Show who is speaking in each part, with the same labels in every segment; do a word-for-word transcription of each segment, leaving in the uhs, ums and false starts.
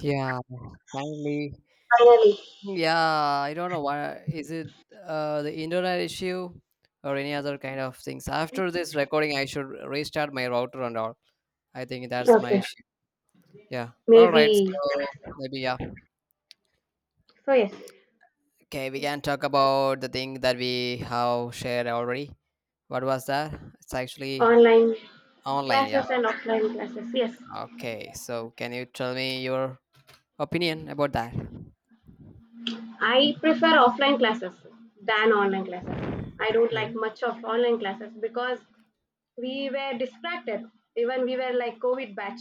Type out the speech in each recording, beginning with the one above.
Speaker 1: Yeah, finally.
Speaker 2: Finally,
Speaker 1: Yeah, I don't know why. Is it uh, the internet issue or any other kind of things? After this recording, I should restart my router and all. I think that's my
Speaker 2: okay,
Speaker 1: issue. Yeah. All right.
Speaker 2: maybe.
Speaker 1: So maybe, yeah.
Speaker 2: So, yes,
Speaker 1: Okay, we can talk about the thing that we have shared already. What was that? It's actually
Speaker 2: online
Speaker 1: online. Yeah.
Speaker 2: classes and offline classes. Yes,
Speaker 1: Okay. So can you tell me your opinion about that?
Speaker 2: I prefer offline classes than online classes. I don't like much of online classes because we were distracted. Even we were like COVID batch,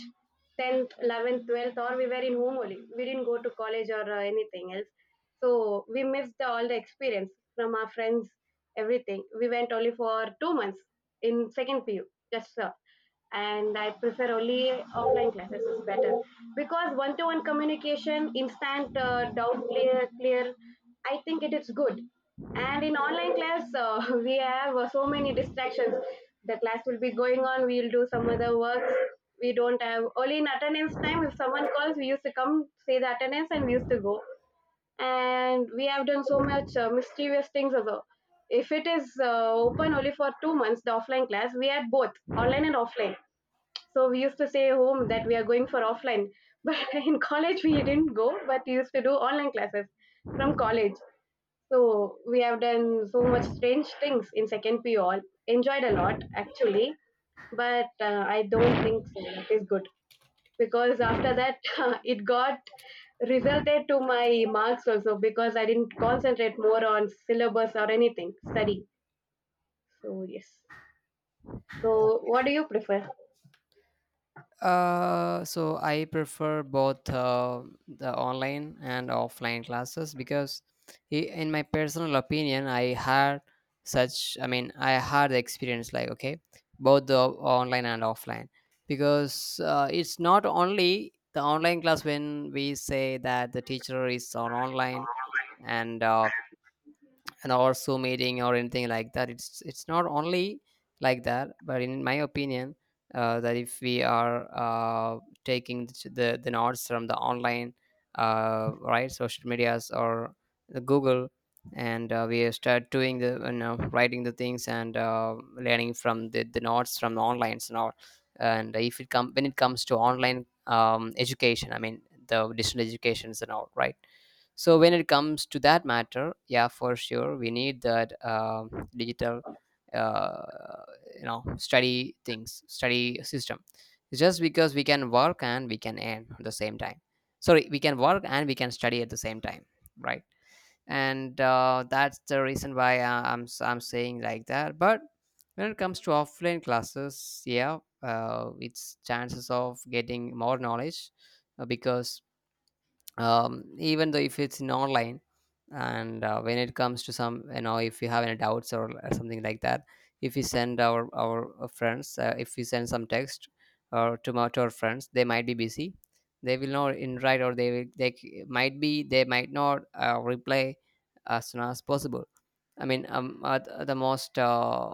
Speaker 2: tenth, eleventh, twelfth, or we were in home only. We didn't go to college or uh, anything else. So we missed the, all the experience from our friends, everything. We went only for two months in second P U, just so, and I prefer only offline classes is better because one-to-one communication, instant uh, doubt clear, clear. I think it is good, and in online class uh, we have uh, so many distractions. The class will be going on, we will do some other works. We don't have only in attendance time. If someone calls, we used to come, say the attendance, and we used to go. And we have done so much uh, mischievous things also. If it is uh, open only for two months, the offline class, we had both online and offline. So we used to say home that we are going for offline, but in college we didn't go, but we used to do online classes from college. So we have done so much strange things in second P all. Enjoyed a lot actually, but uh, I don't think so. That is good, because after that it got resulted to my marks also, because I didn't concentrate more on syllabus or anything study. So yes. So what do you prefer?
Speaker 1: Uh, so I prefer both uh, the online and offline classes because, i- in my personal opinion, I had such. I mean, I had the experience like okay, both the online and offline because uh, it's not only the online class when we say that the teacher is on online and uh, an or so meeting or anything like that, it's it's not only like that, but in my opinion uh, that if we are uh, taking the, the the notes from the online, uh, right, social medias or the Google. And uh, we start doing the, you know, writing the things and uh, learning from the, the notes from the online and all. And if it come when it comes to online um, education, I mean the distance educations and all, right? So when it comes to that matter, yeah, for sure we need that um digital, uh, you know, study things, study system. It's just because we can work and we can earn at the same time. Sorry, we can work and we can study at the same time, right? And uh, that's the reason why, uh, i'm s- i'm saying like that. But when it comes to offline classes, yeah, uh, it's chances of getting more knowledge, uh, because um, even though if it's in online. And uh, when it comes to some, you know, if you have any doubts or, or something like that, if we send our our uh, friends, uh, if we send some text or to, my- to our friends, they might be busy. They will not in write, or they will, they c- might be they might not uh, reply as soon as possible. I mean, um, uh, th- the most, uh,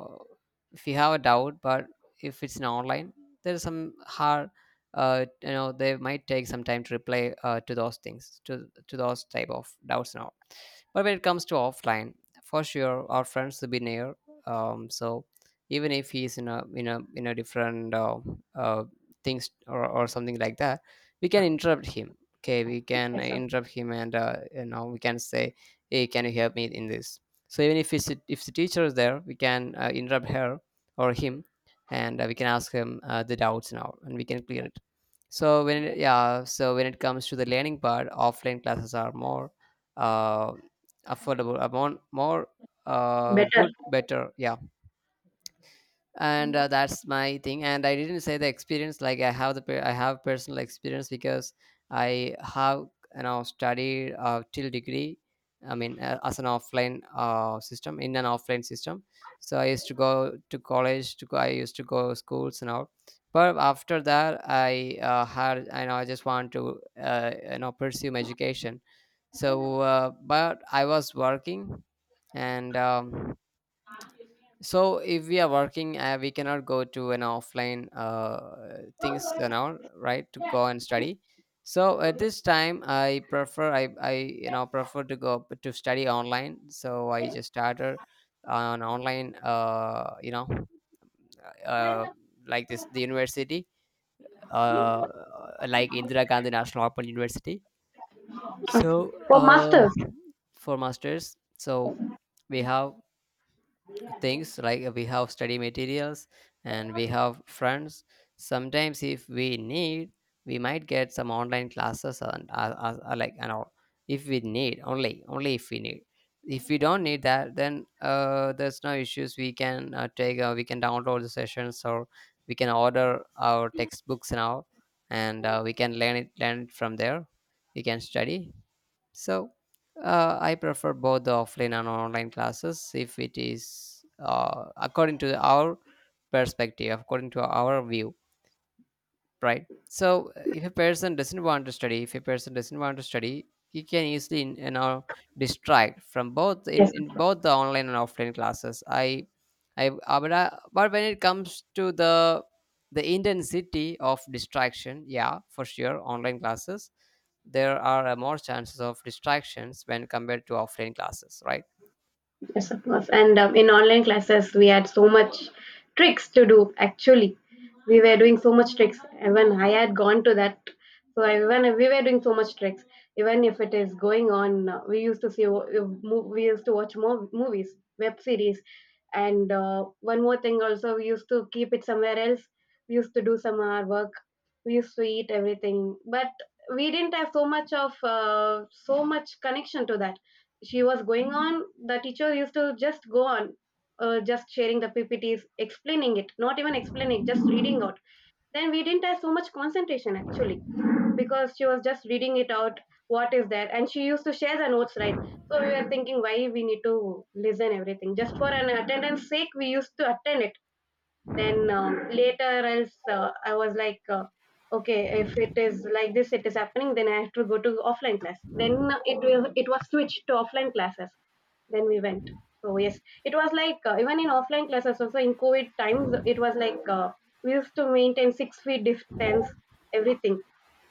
Speaker 1: if you have a doubt, but if it's an online, there's some hard, uh, you know, they might take some time to reply uh, to those things, to to those type of doubts and all. But when it comes to offline, for sure, our friends will be near. Um, so even if he's in a in a in a different uh, uh, things or or something like that, we can interrupt him. Okay, we can
Speaker 2: Yes, sir.
Speaker 1: interrupt him, and uh, you know, we can say, "Hey, can you help me in this?" So even if it's, if the teacher is there, we can uh, interrupt her or him. And uh, we can ask him uh, the doubts now and we can clear it. So when it, yeah so when it comes to the learning part, offline classes are more, uh, affordable, are more, more uh,
Speaker 2: Better.
Speaker 1: good better, yeah. And uh, that's my thing. And I didn't say the experience like I have the per- I have personal experience because I have, you know, studied uh, till degree. I mean, uh, as an offline uh, system, in an offline system. So I used to go to college, to go, I used to go schools and all. But after that, i uh, had i know I just want to uh, you know, pursue my education. So uh, but I was working. And um, so if we are working, uh, we cannot go to an offline uh, things, you know, right, to go and study. So at this time i prefer i i you know, prefer to go to study online. So I just started on online, uh, you know, uh, like this, the university, uh, like Indira Gandhi National Open University.
Speaker 2: Okay.
Speaker 1: So
Speaker 2: For
Speaker 1: uh,
Speaker 2: masters.
Speaker 1: for masters. So we have things like we have study materials and we have friends. Sometimes if we need, we might get some online classes and uh, uh, uh, like and all, if we need. Only only if we need. If we don't need that, then uh, there's no issues. We can uh, take uh, we can download the sessions or we can order our textbooks now. And uh, we can learn it learn it from there. We can study. So uh, I prefer both the offline and online classes if it is uh, according to our perspective, according to our view, right? So uh, if a person doesn't want to study, if a person doesn't want to study, he can easily, you know, distract from both in,
Speaker 2: Yes.
Speaker 1: in both the online and offline classes. I I uh, but, I, but when it comes to the the intensity of distraction, yeah, for sure, online classes, there are uh, more chances of distractions when compared to offline classes, right?
Speaker 2: Yes, of course. And um, in online classes, we had so much tricks to do. Actually, we were doing so much tricks. Even I had gone to that. So even if we were doing so much tricks. Even if it is going on, uh, we used to see. uh, mo- We used to watch more movies, web series, and uh, one more thing also. We used to keep it somewhere else. We used to do some our work. We used to eat everything, but we didn't have so much of uh, so much connection to that. She was going on, the teacher used to just go on, uh, just sharing the P P Ts, explaining it, not even explaining, just reading out. Then we didn't have so much concentration actually, because she was just reading it out, what is there, and she used to share the notes, right? So we were thinking why we need to listen everything just for an attendance sake. We used to attend it, then um, later else uh, I was like uh, okay, if it is like this it is happening, then I have to go to offline class. Then it will it was switched to offline classes. Then we went. So yes, it was like uh, even in offline classes also in COVID times, it was like uh, we used to maintain six feet distance, everything.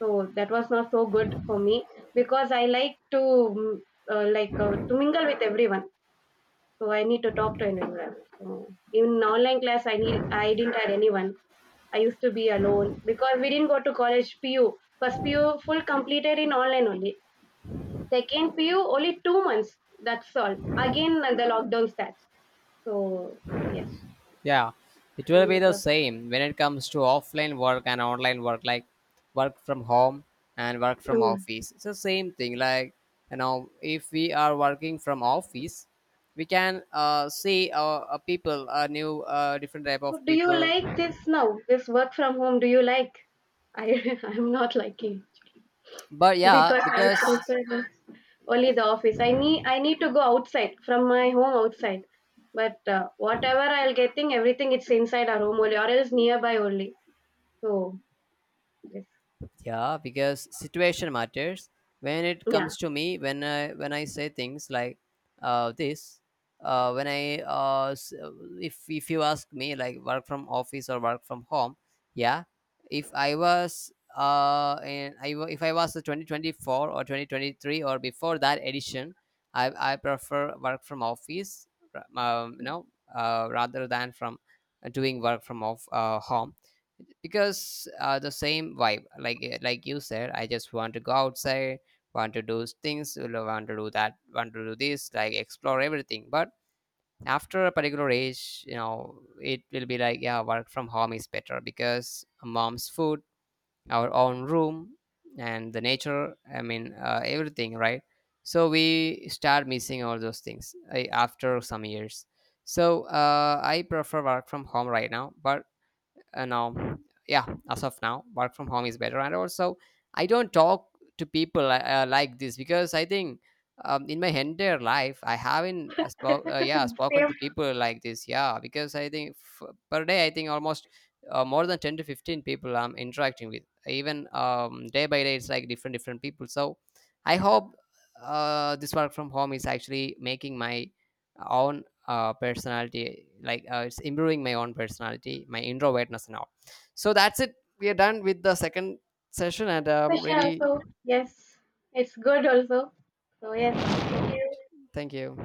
Speaker 2: So that was not so good for me, because I like to mm, uh, like uh, to mingle with everyone. So I need to talk to anyone else. So in online class i need I didn't had anyone. I used to be alone because we didn't go to college. PU first PU full completed in online only, second PU only two months, that's all. Again uh, the lockdown starts. So yes.
Speaker 1: Yeah, it will
Speaker 2: and
Speaker 1: be
Speaker 2: it
Speaker 1: the
Speaker 2: was
Speaker 1: same when it comes to offline work and online work, like work from home and work from
Speaker 2: mm.
Speaker 1: office. It's the same thing. Like, you know, if we are working from office, we can uh, see uh, uh, people, uh, new, uh, different type
Speaker 2: So
Speaker 1: of
Speaker 2: do you
Speaker 1: people.
Speaker 2: like this now, this work from home? Do you like? I I'm not liking,
Speaker 1: But yeah,
Speaker 2: because I
Speaker 1: because
Speaker 2: prefer only the office. I need I need to go outside from my home outside. But uh, whatever I'll getting, everything it's inside our home only, or else nearby only. So yes,
Speaker 1: yeah, because situation matters. When it
Speaker 2: yeah,
Speaker 1: comes to me, when I when I say things like uh, this, uh, when I uh, s- if if you ask me like work from office or work from home, yeah, if I was uh, in, I wa- if I was the twenty twenty-four or twenty twenty-three or before that edition, I I prefer work from office, ra- um, you know, uh, rather than from doing work from off uh, home. Because uh, the same vibe, like, uh, like you said, I just want to go outside, want to do things, you know, want to do that, want to do this, like explore everything. But after a particular age, you know, it will be like, yeah, work from home is better because mom's food, our own room, and the nature, I mean, uh, everything, right? So we start missing all those things uh, after some years. So uh, I prefer work from home right now, but uh, now, yeah, as of now, work from home is better. And also I don't talk to people, uh, uh, like this, because I think, um, in my entire life I haven't uh, spoke uh, yeah, spoken
Speaker 2: same
Speaker 1: to people like this. Yeah, because I think, f- per day, I think almost uh, more than ten to fifteen people I'm interacting with. Even um, day by day it's like different different people. So I hope uh, this work from home is actually making my own, uh, personality, like, uh, it's improving my own personality, my introvertness now. So that's it. We are done with the second session, and um,
Speaker 2: pressure
Speaker 1: really,
Speaker 2: also. Yes, it's good also. So yes, thank you.
Speaker 1: thank you